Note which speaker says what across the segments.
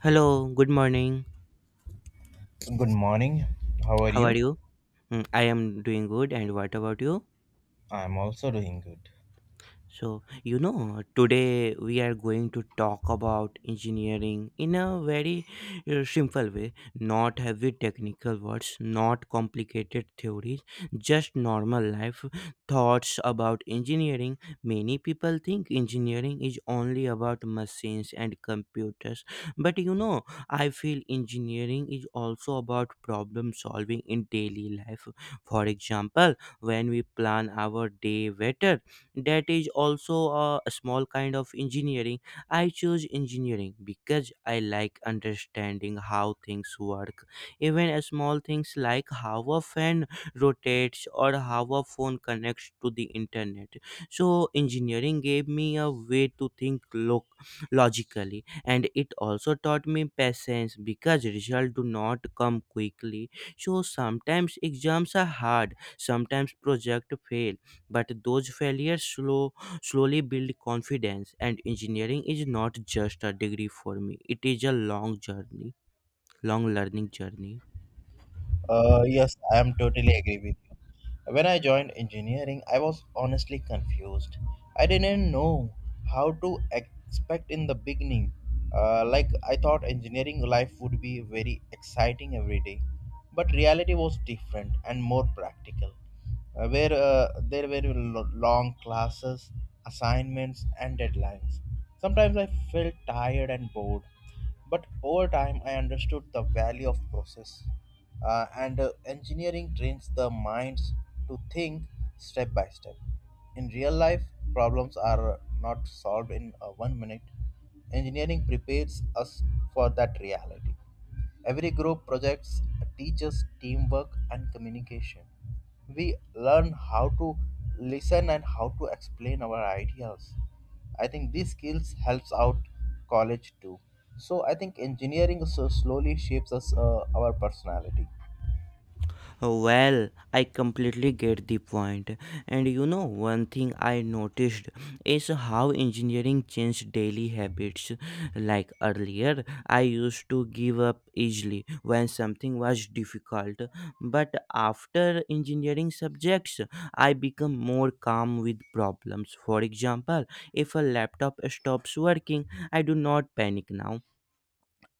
Speaker 1: Hello, good morning.
Speaker 2: Good morning. How are
Speaker 1: How are
Speaker 2: you?
Speaker 1: you? Mm, I am doing good, and what about you?
Speaker 2: I'm also doing good.
Speaker 1: So, you know, today we are going to talk about engineering in a very simple way, not heavy technical words, not complicated theories, just normal life thoughts about engineering. Many people think engineering is only about machines and computers, but you know, I feel engineering is also about problem solving in daily life. For example, when we plan our day better, that is also a small kind of engineering. I chose engineering because I like understanding how things work, even a small things like how a fan rotates or how a phone connects to the internet. So engineering gave me a way to think logically, and it also taught me patience because results do not come quickly. So sometimes exams are hard, sometimes project fail, but those failures slowly build confidence, and engineering is not just a degree for me, it is a long journey, long learning journey.
Speaker 2: Yes, I am totally agree with you. When I joined engineering, I was honestly confused. I didn't know how to expect in the beginning. Like I thought engineering life would be very exciting every day, but reality was different and more practical. Where There were long classes, assignments, and deadlines. Sometimes I felt tired and bored. But over time, I understood the value of process. And Engineering trains the minds to think step by step. In real life, problems are not solved in 1 minute. Engineering prepares us for that reality. Every group projects teaches teamwork and communication. We learn how to listen and how to explain our ideas. I think these skills helps out college too. So I think engineering so slowly shapes us our personality.
Speaker 1: Well, I completely get the point. And you know, one thing I noticed is how engineering changed daily habits. Like earlier, I used to give up easily when something was difficult. But after engineering subjects, I become more calm with problems. For example, if a laptop stops working, I do not panic now.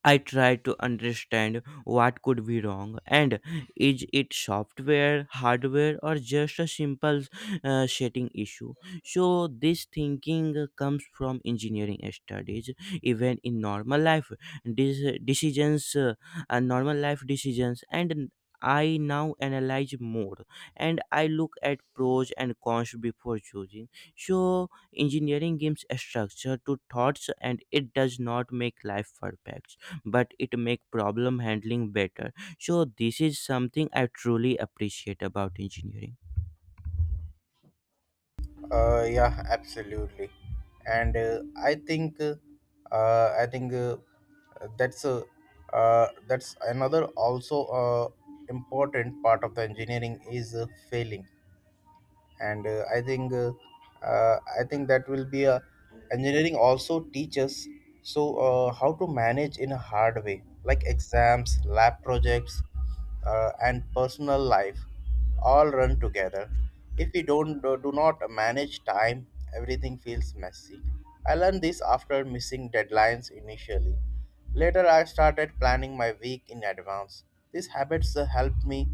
Speaker 1: I try to understand what could be wrong, and is it software, hardware, or just a simple setting issue. So, this thinking comes from engineering studies. Even in normal life, these normal life decisions, and I now analyze more and I look at pros and cons before choosing. So, engineering gives a structure to thoughts, and it does not make life perfect, but it make problem handling better. So this is something I truly appreciate about engineering.
Speaker 2: Yeah, absolutely. And I think that's uh, that's another also important part of the engineering is failing and I think that will be a engineering also teaches so how to manage in a hard way like exams lab projects and personal life all run together if we don't do do not manage time everything feels messy. I learned this after missing deadlines initially. Later, I started planning my week in advance. These habits helped me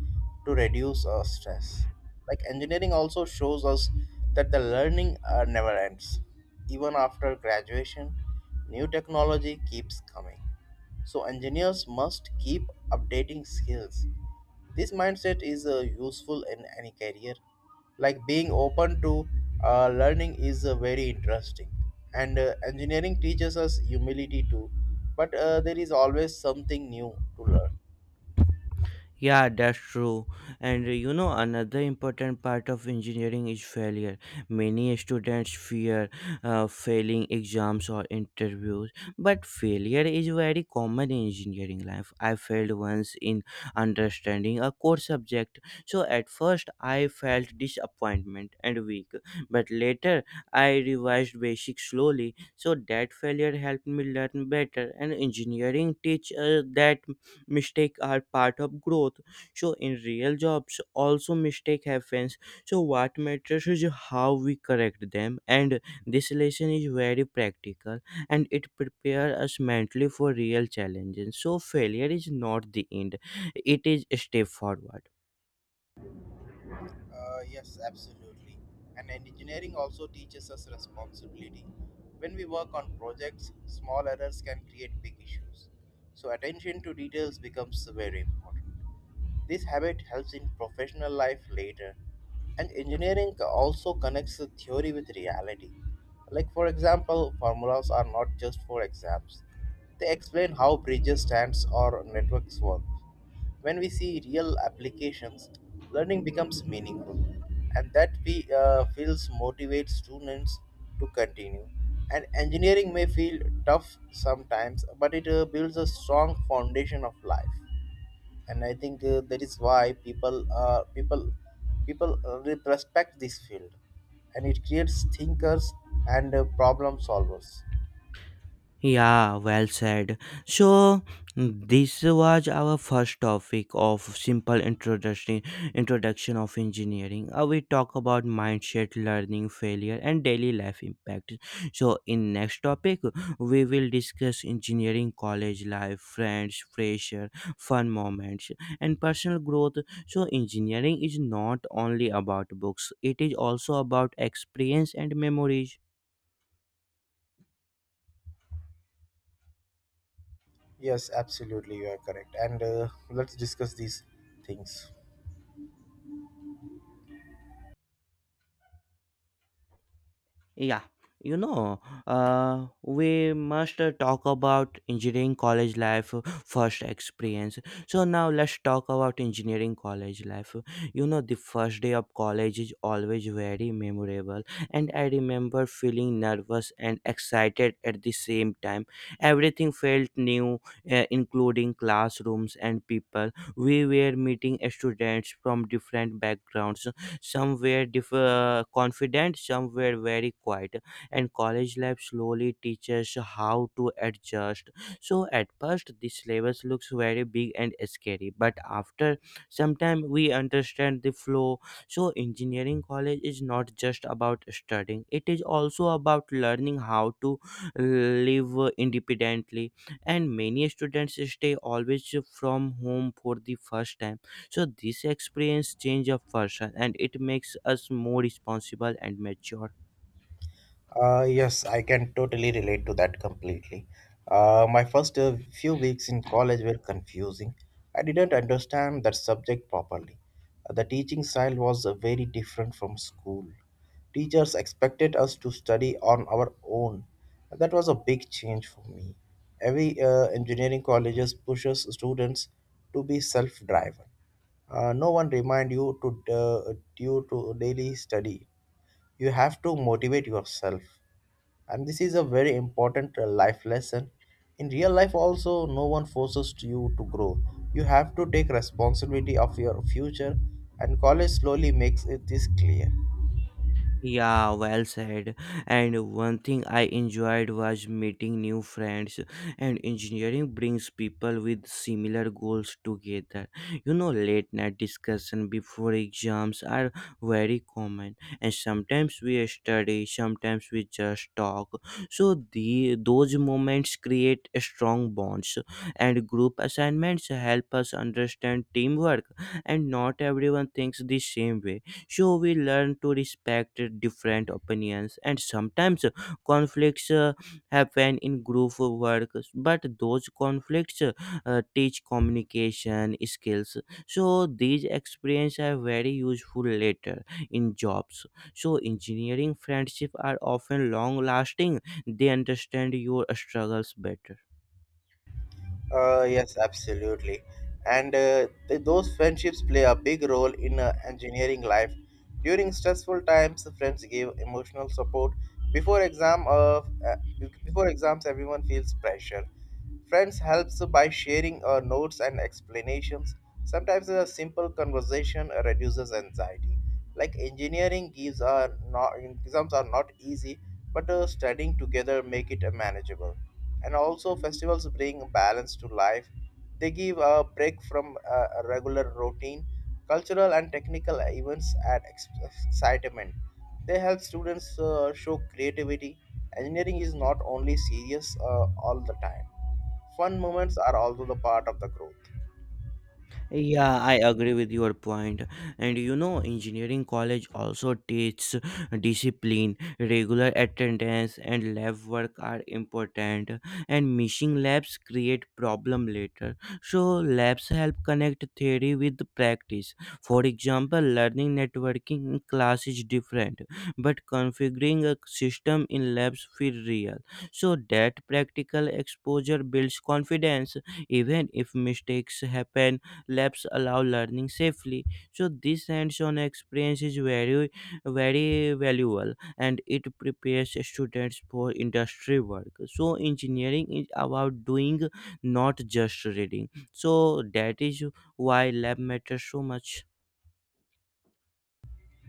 Speaker 2: to reduce stress. Like engineering also shows us that the learning never ends. Even after graduation, new technology keeps coming. So engineers must keep updating skills. This mindset is useful in any career. Like being open to learning is very interesting. And engineering teaches us humility too, but there is always something new to learn.
Speaker 1: Yeah, that's true. And you know, another important part of engineering is failure. Many students fear failing exams or interviews, but failure is very common in engineering life. I failed once in understanding a core subject, so at first I felt disappointment and weak, but later I revised basics slowly, so that failure helped me learn better. And engineering teaches that mistakes are part of growth. So in real jobs also mistake happens, so what matters is how we correct them, and this lesson is very practical, and it prepares us mentally for real challenges. So failure is not the end, it is a step forward.
Speaker 2: Yes, absolutely. And engineering also teaches us responsibility. When we work on projects, small errors can create big issues. So, attention to details becomes very important. This habit helps in professional life later. And engineering also connects the theory with reality. Like, for example, formulas are not just for exams, they explain how bridges, stands, or networks work. When we see real applications, learning becomes meaningful, and that we, feels motivates students to continue. And engineering may feel tough sometimes, but it builds a strong foundation of life. And I think that is why people respect this field, and it creates thinkers and problem solvers.
Speaker 1: Yeah, well said. So this was our first topic of simple introduction of engineering. We talk about mindset, learning, failure, and daily life impact. So in next topic, we will discuss engineering, college life, friends, pressure, fun moments, and personal growth. So engineering is not only about books; it is also about experience and memories.
Speaker 2: Yes, absolutely, you are correct. And let's discuss these things.
Speaker 1: Yeah, you know, we must talk about engineering college life, first experience. So now let's talk about engineering college life. You know, the first day of college is always very memorable, and I remember feeling nervous and excited at the same time. Everything felt new, including classrooms and people. We were meeting students from different backgrounds. Some were confident, some were very quiet. And college life slowly teaches how to adjust. So at first, the syllabus looks very big and scary, but after some time, we understand the flow. So engineering college is not just about studying; it is also about learning how to live independently. And many students stay always from home for the first time, so this experience change a person, and it makes us more responsible and mature.
Speaker 2: Yes, I can totally relate to that completely. My first few weeks in college were confusing. I didn't understand that subject properly. The teaching style was very different from school. Teachers expected us to study on our own. That was a big change for me. Every engineering colleges pushes students to be self-driven. No one remind you to you to daily study. You have to motivate yourself, and this is a very important life lesson. In real life also no one forces you to grow. You have to take responsibility of your future, and college slowly makes it this clear.
Speaker 1: Yeah, well said. And one thing I enjoyed was meeting new friends, and engineering brings people with similar goals together. You know, late night discussion before exams are very common, and sometimes we study, sometimes we just talk. So the those moments create strong bonds, and group assignments help us understand teamwork, and not everyone thinks the same way, so we learn to respect different opinions. And sometimes conflicts happen in group work, but those conflicts teach communication skills. So these experiences are very useful later in jobs. So engineering friendships are often long lasting, they understand your struggles better.
Speaker 2: Yes, absolutely. And those friendships play a big role in engineering life. During stressful times, friends give emotional support. Before exam of uh, Before exams, everyone feels pressure. Friends helps by sharing notes and explanations. Sometimes a simple conversation reduces anxiety. Like engineering gives are not exams are not easy, but studying together make it manageable. And also festivals bring balance to life. They give a break from a regular routine. Cultural and technical events add excitement. They help students show creativity. Engineering is not only serious all the time. Fun moments are also the part of the growth.
Speaker 1: Yeah, I agree with your point. And you know, engineering college also teaches discipline. Regular attendance and lab work are important. And missing labs create problem later. So labs help connect theory with practice. For example, learning networking in class is different, but configuring a system in labs feel real. So that practical exposure builds confidence, even if mistakes happen, labs allow learning safely. So this hands-on experience is very very valuable, and it prepares students for industry work. So engineering is about doing, not just reading. So that is why lab matters so much.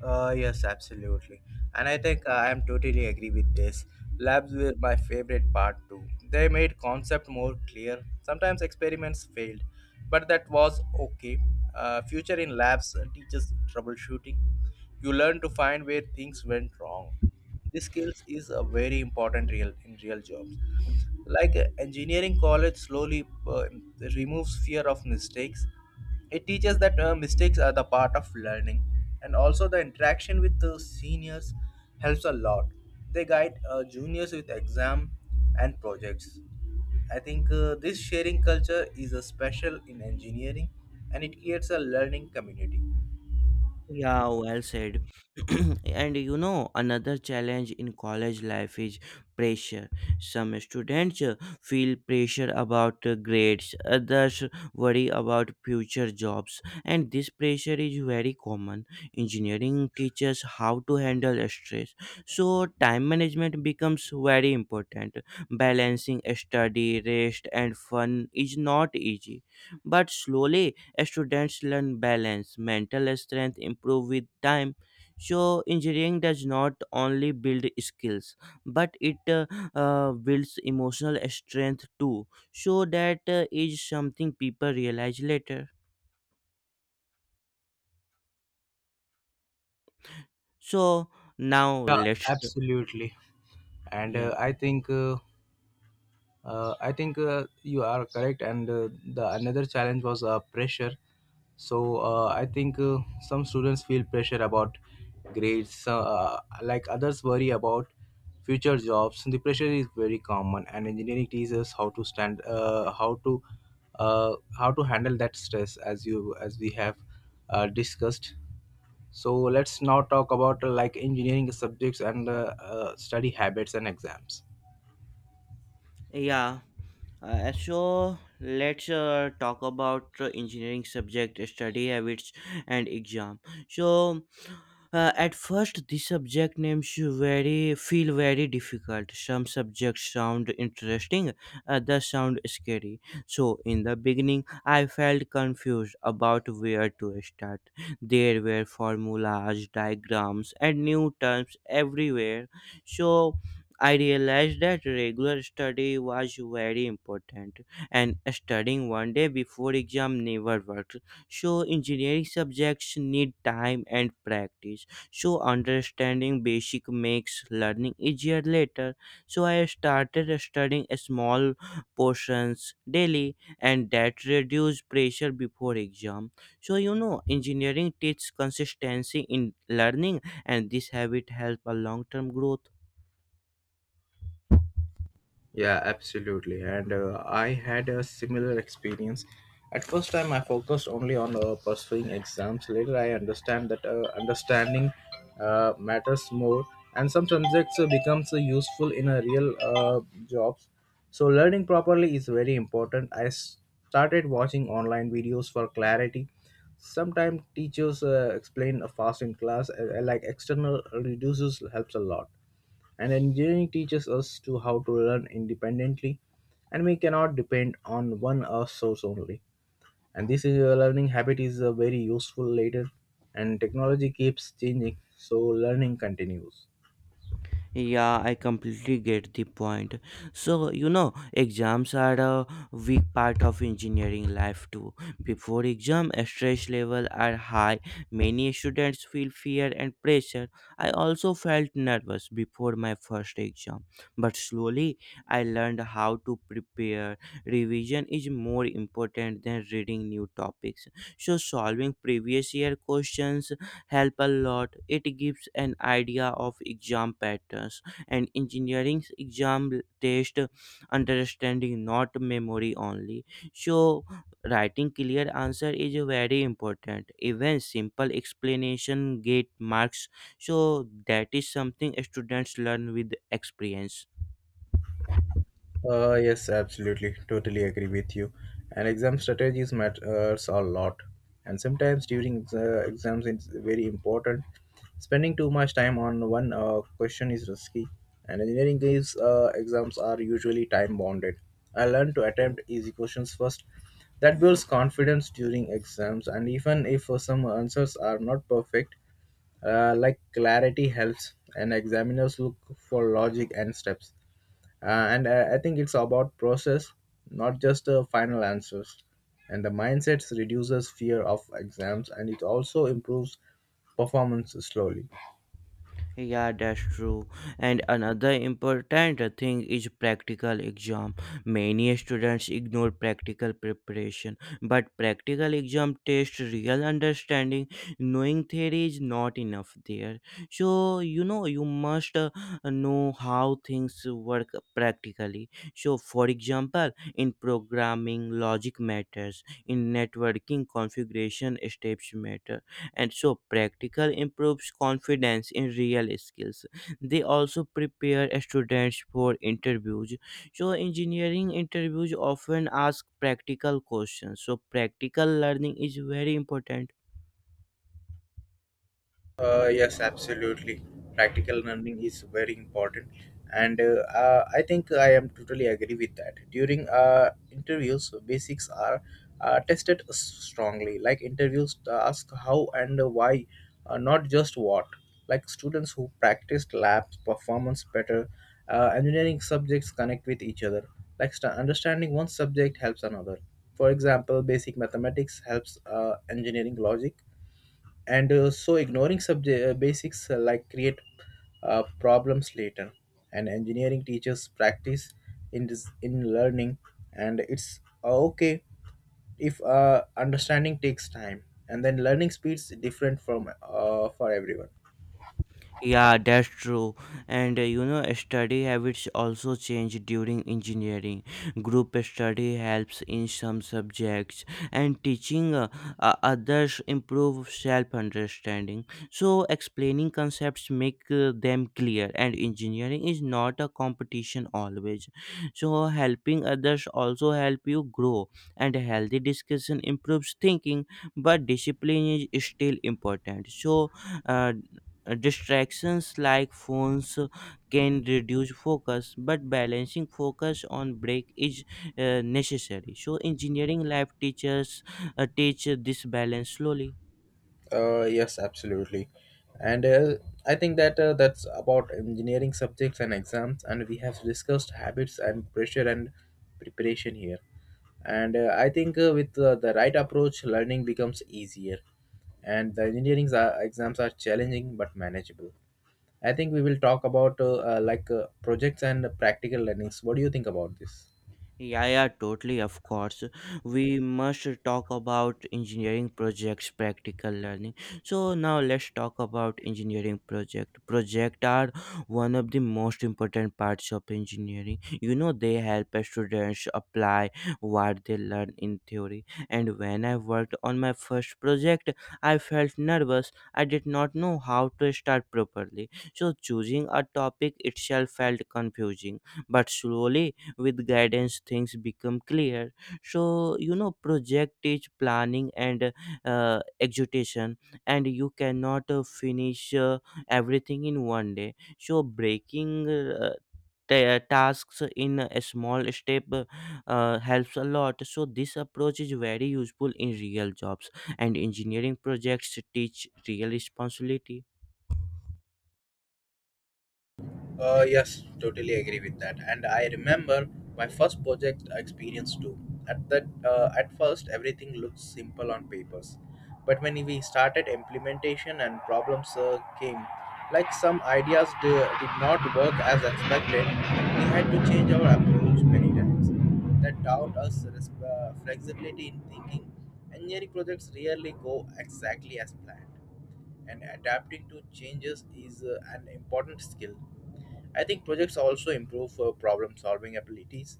Speaker 2: Yes, absolutely. And I think I am totally agree with this. Labs were my favorite part too. They made concept more clear. Sometimes experiments failed, but that was okay. Future in labs teaches troubleshooting. You learn to find where things went wrong. This skills is a very important real in real jobs. Like engineering college slowly removes fear of mistakes. It teaches that mistakes are the part of learning, and also the interaction with the seniors helps a lot. They guide juniors with exam and projects. I think this sharing culture is a special in engineering, and it creates a learning community.
Speaker 1: Yeah, well said. And you know, another challenge in college life is pressure. Some students feel pressure about grades, others worry about future jobs, and this pressure is very common. Engineering teaches how to handle stress, so time management becomes very important. Balancing study, rest, and fun is not easy, but slowly students learn balance, mental strength improve with time. So engineering does not only build skills, but it builds emotional strength too. So that is something people realize later. So now let's
Speaker 2: Absolutely. And
Speaker 1: yeah
Speaker 2: I think you are correct, and the another challenge was pressure. So I think Some students feel pressure about grades, like others worry about future jobs. The pressure is very common, and engineering teaches how to stand how to handle that stress as you as we have discussed. So let's now talk about like engineering subjects and study habits and exams.
Speaker 1: yeah. So let's talk about engineering subject study habits and exam. So at first, the subject names very feel very difficult. Some subjects sound interesting, others sound scary. So in the beginning, I felt confused about where to start. There were formulas, diagrams, and new terms everywhere. So I realized that regular study was very important, and studying one day before exam never worked. So engineering subjects need time and practice. So understanding basic makes learning easier later. So I started studying small portions daily, and that reduced pressure before exam. So you know, engineering teaches consistency in learning, and this habit helps a long-term growth.
Speaker 2: Yeah, absolutely. And I had a similar experience. At first time, I focused only on pursuing exams. Later, I understand that understanding matters more, and some subjects becomes useful in a real jobs. So, learning properly is very important. I started watching online videos for clarity. Sometimes teachers explain fast in class, like external reduces helps a lot. And engineering teaches us to how to learn independently, and we cannot depend on one source only. And this is a learning habit is very useful later, and technology keeps changing, so learning continues.
Speaker 1: Yeah, I completely get the point. So, you know, exams are a big part of engineering life too. Before exam, stress level are high. Many students feel fear and pressure. I also felt nervous before my first exam, but slowly I learned how to prepare. Revision is more important than reading new topics. So, solving previous year questions help a lot. It gives an idea of exam patterns, and engineering's exam test understanding, not memory only. So writing clear answer is very important. Even simple explanation get marks. So that is something students learn with experience.
Speaker 2: Yes, absolutely. Totally agree with you. And exam strategies matters a lot. And sometimes during the exams, it's very important. Spending too much time on one question is risky. And engineering gives exams are usually time bounded. I learned to attempt easy questions first. That builds confidence during exams. And even if some answers are not perfect, like clarity helps. And examiners look for logic and steps and I think it's about process, not just final answers. And the mindset reduces fear of exams, and it also improves performance slowly.
Speaker 1: Yeah, that's true. And another important thing is practical exam. Many students ignore practical preparation, but practical exam tests real understanding. Knowing theory is not enough there. So, you know, you must know how things work practically. So, for example, in programming, logic matters, in networking, configuration steps matter, and so practical improves confidence in real skills. They also prepare students for interviews, so engineering interviews often ask practical questions, so practical learning is very important.
Speaker 2: Yes, absolutely. Practical learning is very important, and I think I am totally agree with that. During interviews, basics are uh, tested s- strongly. Like interviews ask how and why, not just what. Like students who practiced labs performance better, engineering subjects connect with each other. Like understanding one subject helps another. For example, basic mathematics helps engineering logic, and so ignoring subject basics like create problems later. And engineering teachers practice in this in learning, and it's okay if understanding takes time, and then learning speeds different from for everyone.
Speaker 1: Yeah, that's true. And you know, study habits also change during engineering. Group study helps in some subjects, and teaching others improve self-understanding. So explaining concepts make them clear. And engineering is not a competition always. So helping others also help you grow. And healthy discussion improves thinking, but discipline is still important. So. uh, distractions like phones can reduce focus, but balancing focus on break is necessary. So engineering lab teachers teach this balance slowly.
Speaker 2: Yes, absolutely. And I think that that's about engineering subjects and exams, and we have discussed habits and pressure and preparation here. And I think with the right approach, learning becomes easier. And the engineering exams are challenging but manageable. I think we will talk about like projects and practical learnings. What do you think about this?
Speaker 1: Yeah, yeah, totally, of course. We must talk about engineering projects, practical learning. So now let's talk about engineering project. Project are one of the most important parts of engineering. You know, they help students apply what they learn in theory. And when I worked on my first project, I felt nervous. I did not know how to start properly. So choosing a topic itself felt confusing. But slowly with guidance things become clear. So you know, project is planning and execution, and you cannot finish everything in one day. So breaking tasks in a small step helps a lot. So this approach is very useful in real jobs, and engineering projects teach real responsibility.
Speaker 2: Yes, totally agree with that. And I remember my first project experience too. At first, everything looked simple on papers, but when we started implementation and problems came, like some ideas did not work as expected, we had to change our approach many times. That taught us flexibility in thinking. Engineering projects rarely go exactly as planned, and adapting to changes is an important skill. I think projects also improve problem solving abilities,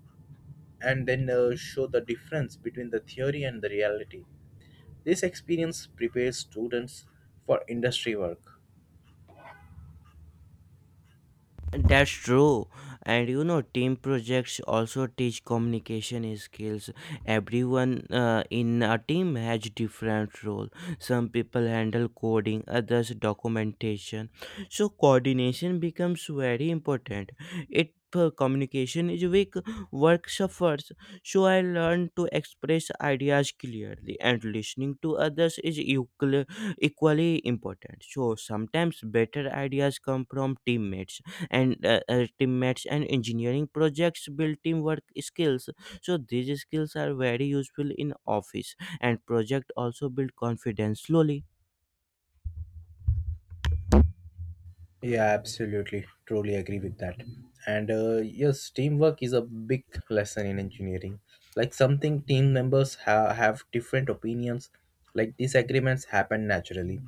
Speaker 2: and then show the difference between the theory and the reality. This experience prepares students for industry work.
Speaker 1: That's true. And you know, team projects also teach communication skills. Everyone in a team has different role. Some people handle coding, others documentation. So coordination becomes very important. It communication is weak, work suffers. So I learn to express ideas clearly, and listening to others is equally important. So sometimes better ideas come from teammates, and engineering projects build teamwork skills. So these skills are very useful in office, and project also build confidence slowly.
Speaker 2: Yeah, absolutely. Truly agree with that. And yes, teamwork is a big lesson in engineering. Like something team members have different opinions, like disagreements happen naturally.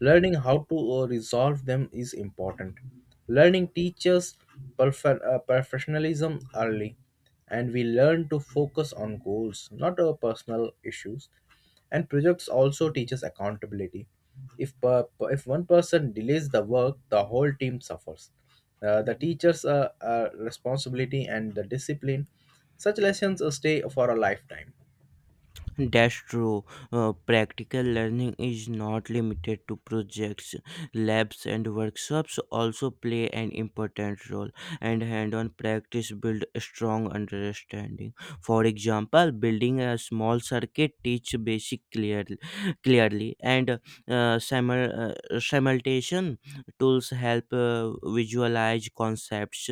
Speaker 2: Learning how to resolve them is important. Learning teaches professionalism early, and we learn to focus on goals, not our personal issues. And projects also teaches accountability. If if one person delays the work, the whole team suffers. The teachers' responsibility and the discipline. Such lessons stay for a lifetime.
Speaker 1: That's true. Practical learning is not limited to projects. Labs and workshops also play an important role, and hand on practice builds a strong understanding. For example, building a small circuit teach basic clearly and simultation tools help visualize concepts,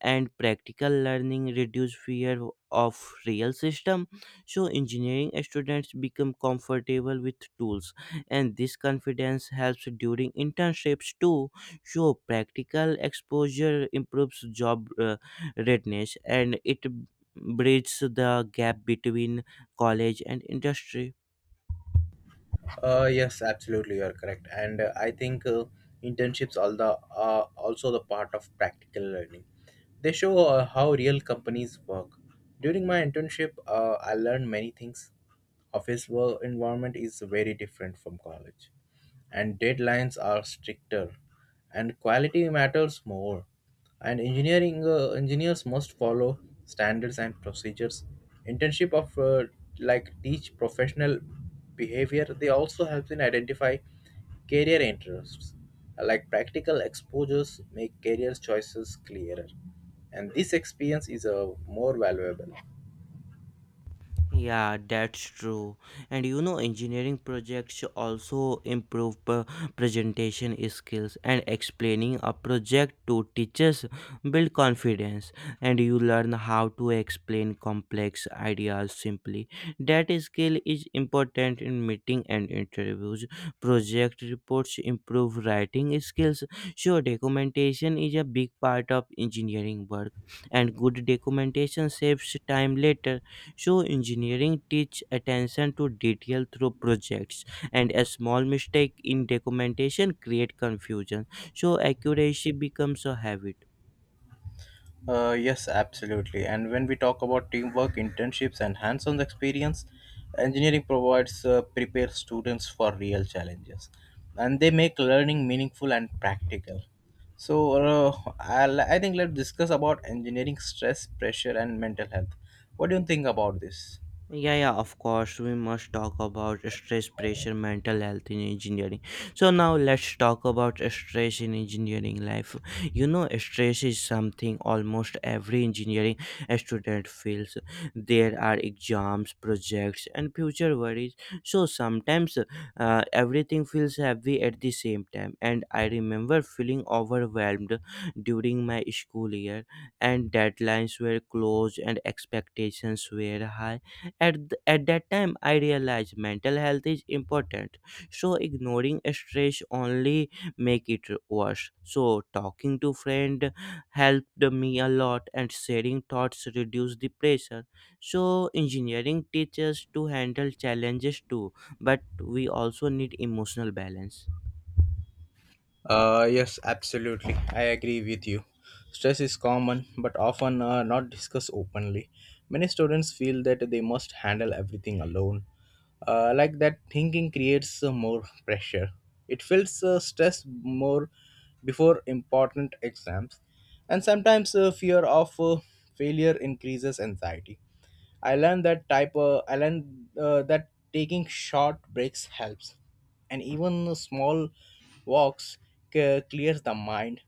Speaker 1: and practical learning reduce fear of real system. So, engineering students become comfortable with tools, and this confidence helps during internships too. So, practical exposure improves job readiness, and it bridges the gap between college and industry.
Speaker 2: Yes, absolutely, you're correct. And I think internships all the are also the part of practical learning. They show how real companies work. During my internship, I learned many things. Office work environment is very different from college, and deadlines are stricter and quality matters more. And engineering engineers must follow standards and procedures. Internship of like teach professional behavior. They also help in identify career interests. Like practical exposures make career choices clearer, and this experience is more valuable.
Speaker 1: Yeah, that's true. And you know, engineering projects also improve presentation skills, and explaining a project to teachers build confidence, and you learn how to explain complex ideas simply. That skill is important in meeting and interviews. Project reports improve writing skills. Sure, documentation is a big part of engineering work, and good documentation saves time later, so engineering teach attention to detail through projects, and a small mistake in documentation create confusion. So accuracy becomes a habit.
Speaker 2: Yes, absolutely. And when we talk about teamwork, internships, and hands on experience, engineering provides prepare students for real challenges, and they make learning meaningful and practical. So, I think let's discuss about engineering stress, pressure, and mental health. What do you think about this?
Speaker 1: Yeah, yeah, of course. We must talk about stress, pressure, mental health in engineering. So, now let's talk about stress in engineering life. You know, stress is something almost every engineering student feels. There are exams, projects, and future worries. So, sometimes everything feels heavy at the same time. And I remember feeling overwhelmed during my school year, and deadlines were close, and expectations were high. At that time I realized mental health is important, so ignoring stress only make it worse. So talking to friend helped me a lot, and sharing thoughts reduce the pressure. So engineering teaches to handle challenges too, but we also need emotional balance.
Speaker 2: Yes, absolutely. I agree with you. Stress is common but often not discussed openly. Many students feel that they must handle everything alone. Like that thinking creates more pressure. It feels stress more before important exams, and sometimes fear of failure increases anxiety. I learned that type. I learned that taking short breaks helps, and even small walks clears the mind.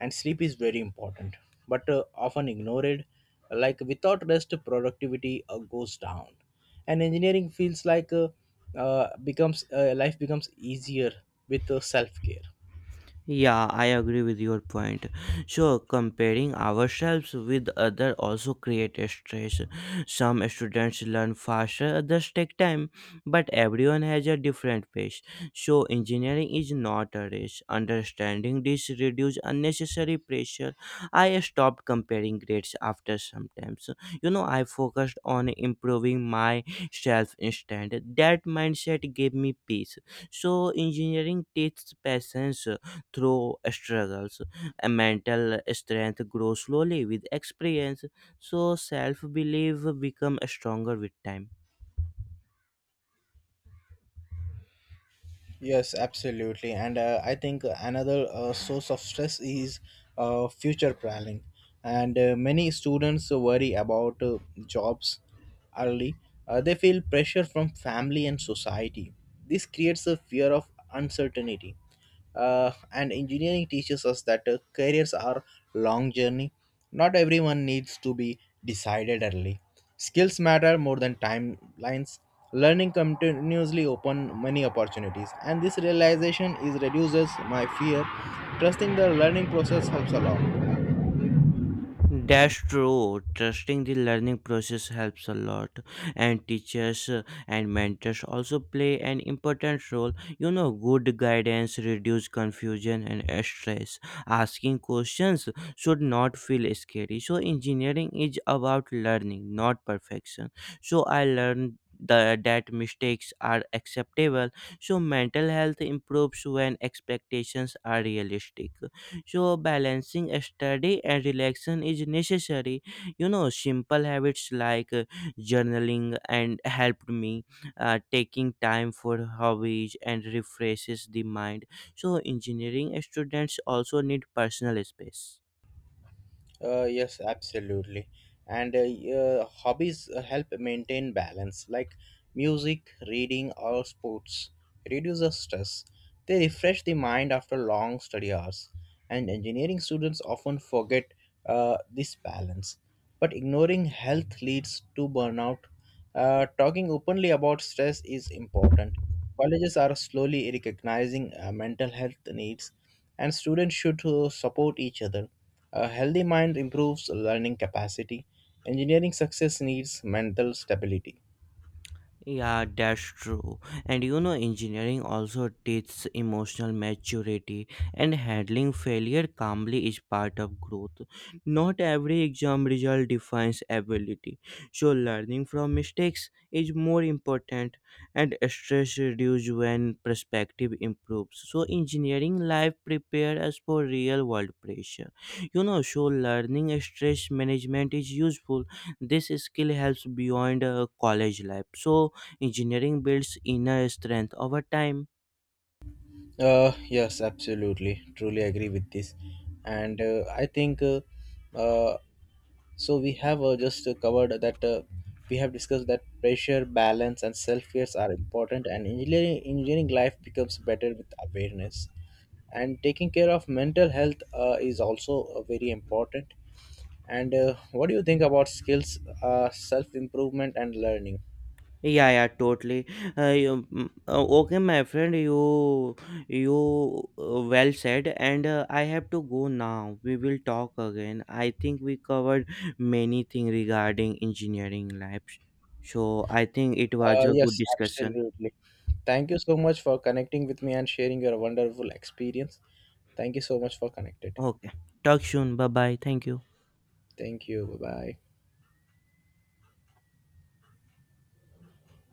Speaker 2: And sleep is very important, but often ignored. Like without rest, productivity goes down, and engineering feels like becomes life becomes easier with self care.
Speaker 1: Yeah, I agree with your point. So, comparing ourselves with others also creates stress. Some students learn faster, others take time, but everyone has a different pace. So, engineering is not a race. Understanding this reduces unnecessary pressure. I stopped comparing grades after sometimes. You know, I focused on improving myself instead. That mindset gave me peace. So, engineering teaches patience through struggles. A mental strength grows slowly with experience, so self belief become stronger with time.
Speaker 2: Yes, absolutely. And I think another source of stress is future planning. And many students worry about jobs early. They feel pressure from family and society. This creates a fear of uncertainty. And engineering teaches us that careers are long journey. Not everyone needs to be decided early. Skills matter more than timelines. Learning continuously open many opportunities, and this realization is reduces my fear. Trusting the learning process helps a lot.
Speaker 1: That's true. Trusting the learning process helps a lot, and teachers and mentors also play an important role. You know, good guidance reduce confusion and stress. Asking questions should not feel scary. So, engineering is about learning, not perfection. So, I learned that mistakes are acceptable. So, mental health improves when expectations are realistic. So, balancing study and relaxation is necessary. You know, simple habits like journaling and helped me taking time for hobbies and refreshes the mind. So, engineering students also need personal space.
Speaker 2: Yes, absolutely. And hobbies help maintain balance, like music, reading, or sports. Reduce the stress. They refresh the mind after long study hours. And engineering students often forget this balance. But ignoring health leads to burnout, talking openly about stress is important. Colleges are slowly recognizing mental health needs, and students should support each other. A healthy mind improves learning capacity. Engineering success needs mental stability.
Speaker 1: Yeah, that's true. And you know, engineering also teaches emotional maturity, and handling failure calmly is part of growth. Not every exam result defines ability, so learning from mistakes is more important, and stress reduces when perspective improves. So, engineering life prepares us for real world pressure. You know, so learning stress management is useful. This skill helps beyond college life. So, engineering builds inner strength over time.
Speaker 2: Yes, absolutely. Truly agree with this. And I think uh, so. We have just covered that We have discussed that pressure, balance, and self fears are important, and engineering life becomes better with awareness. And taking care of mental health is also very important. And what do you think about skills, self improvement, and learning?
Speaker 1: Yeah, yeah, totally. Okay, my friend, you well said, and I have to go now. We will talk again. I think we covered many things regarding engineering labs, so I think it was
Speaker 2: Uh,
Speaker 1: a good
Speaker 2: yes,
Speaker 1: discussion.
Speaker 2: absolutely. Thank you so much for connecting with me and sharing your wonderful experience. Thank you so much for connected.
Speaker 1: Okay, talk soon. Bye bye. Thank you.
Speaker 2: Thank you. Bye bye.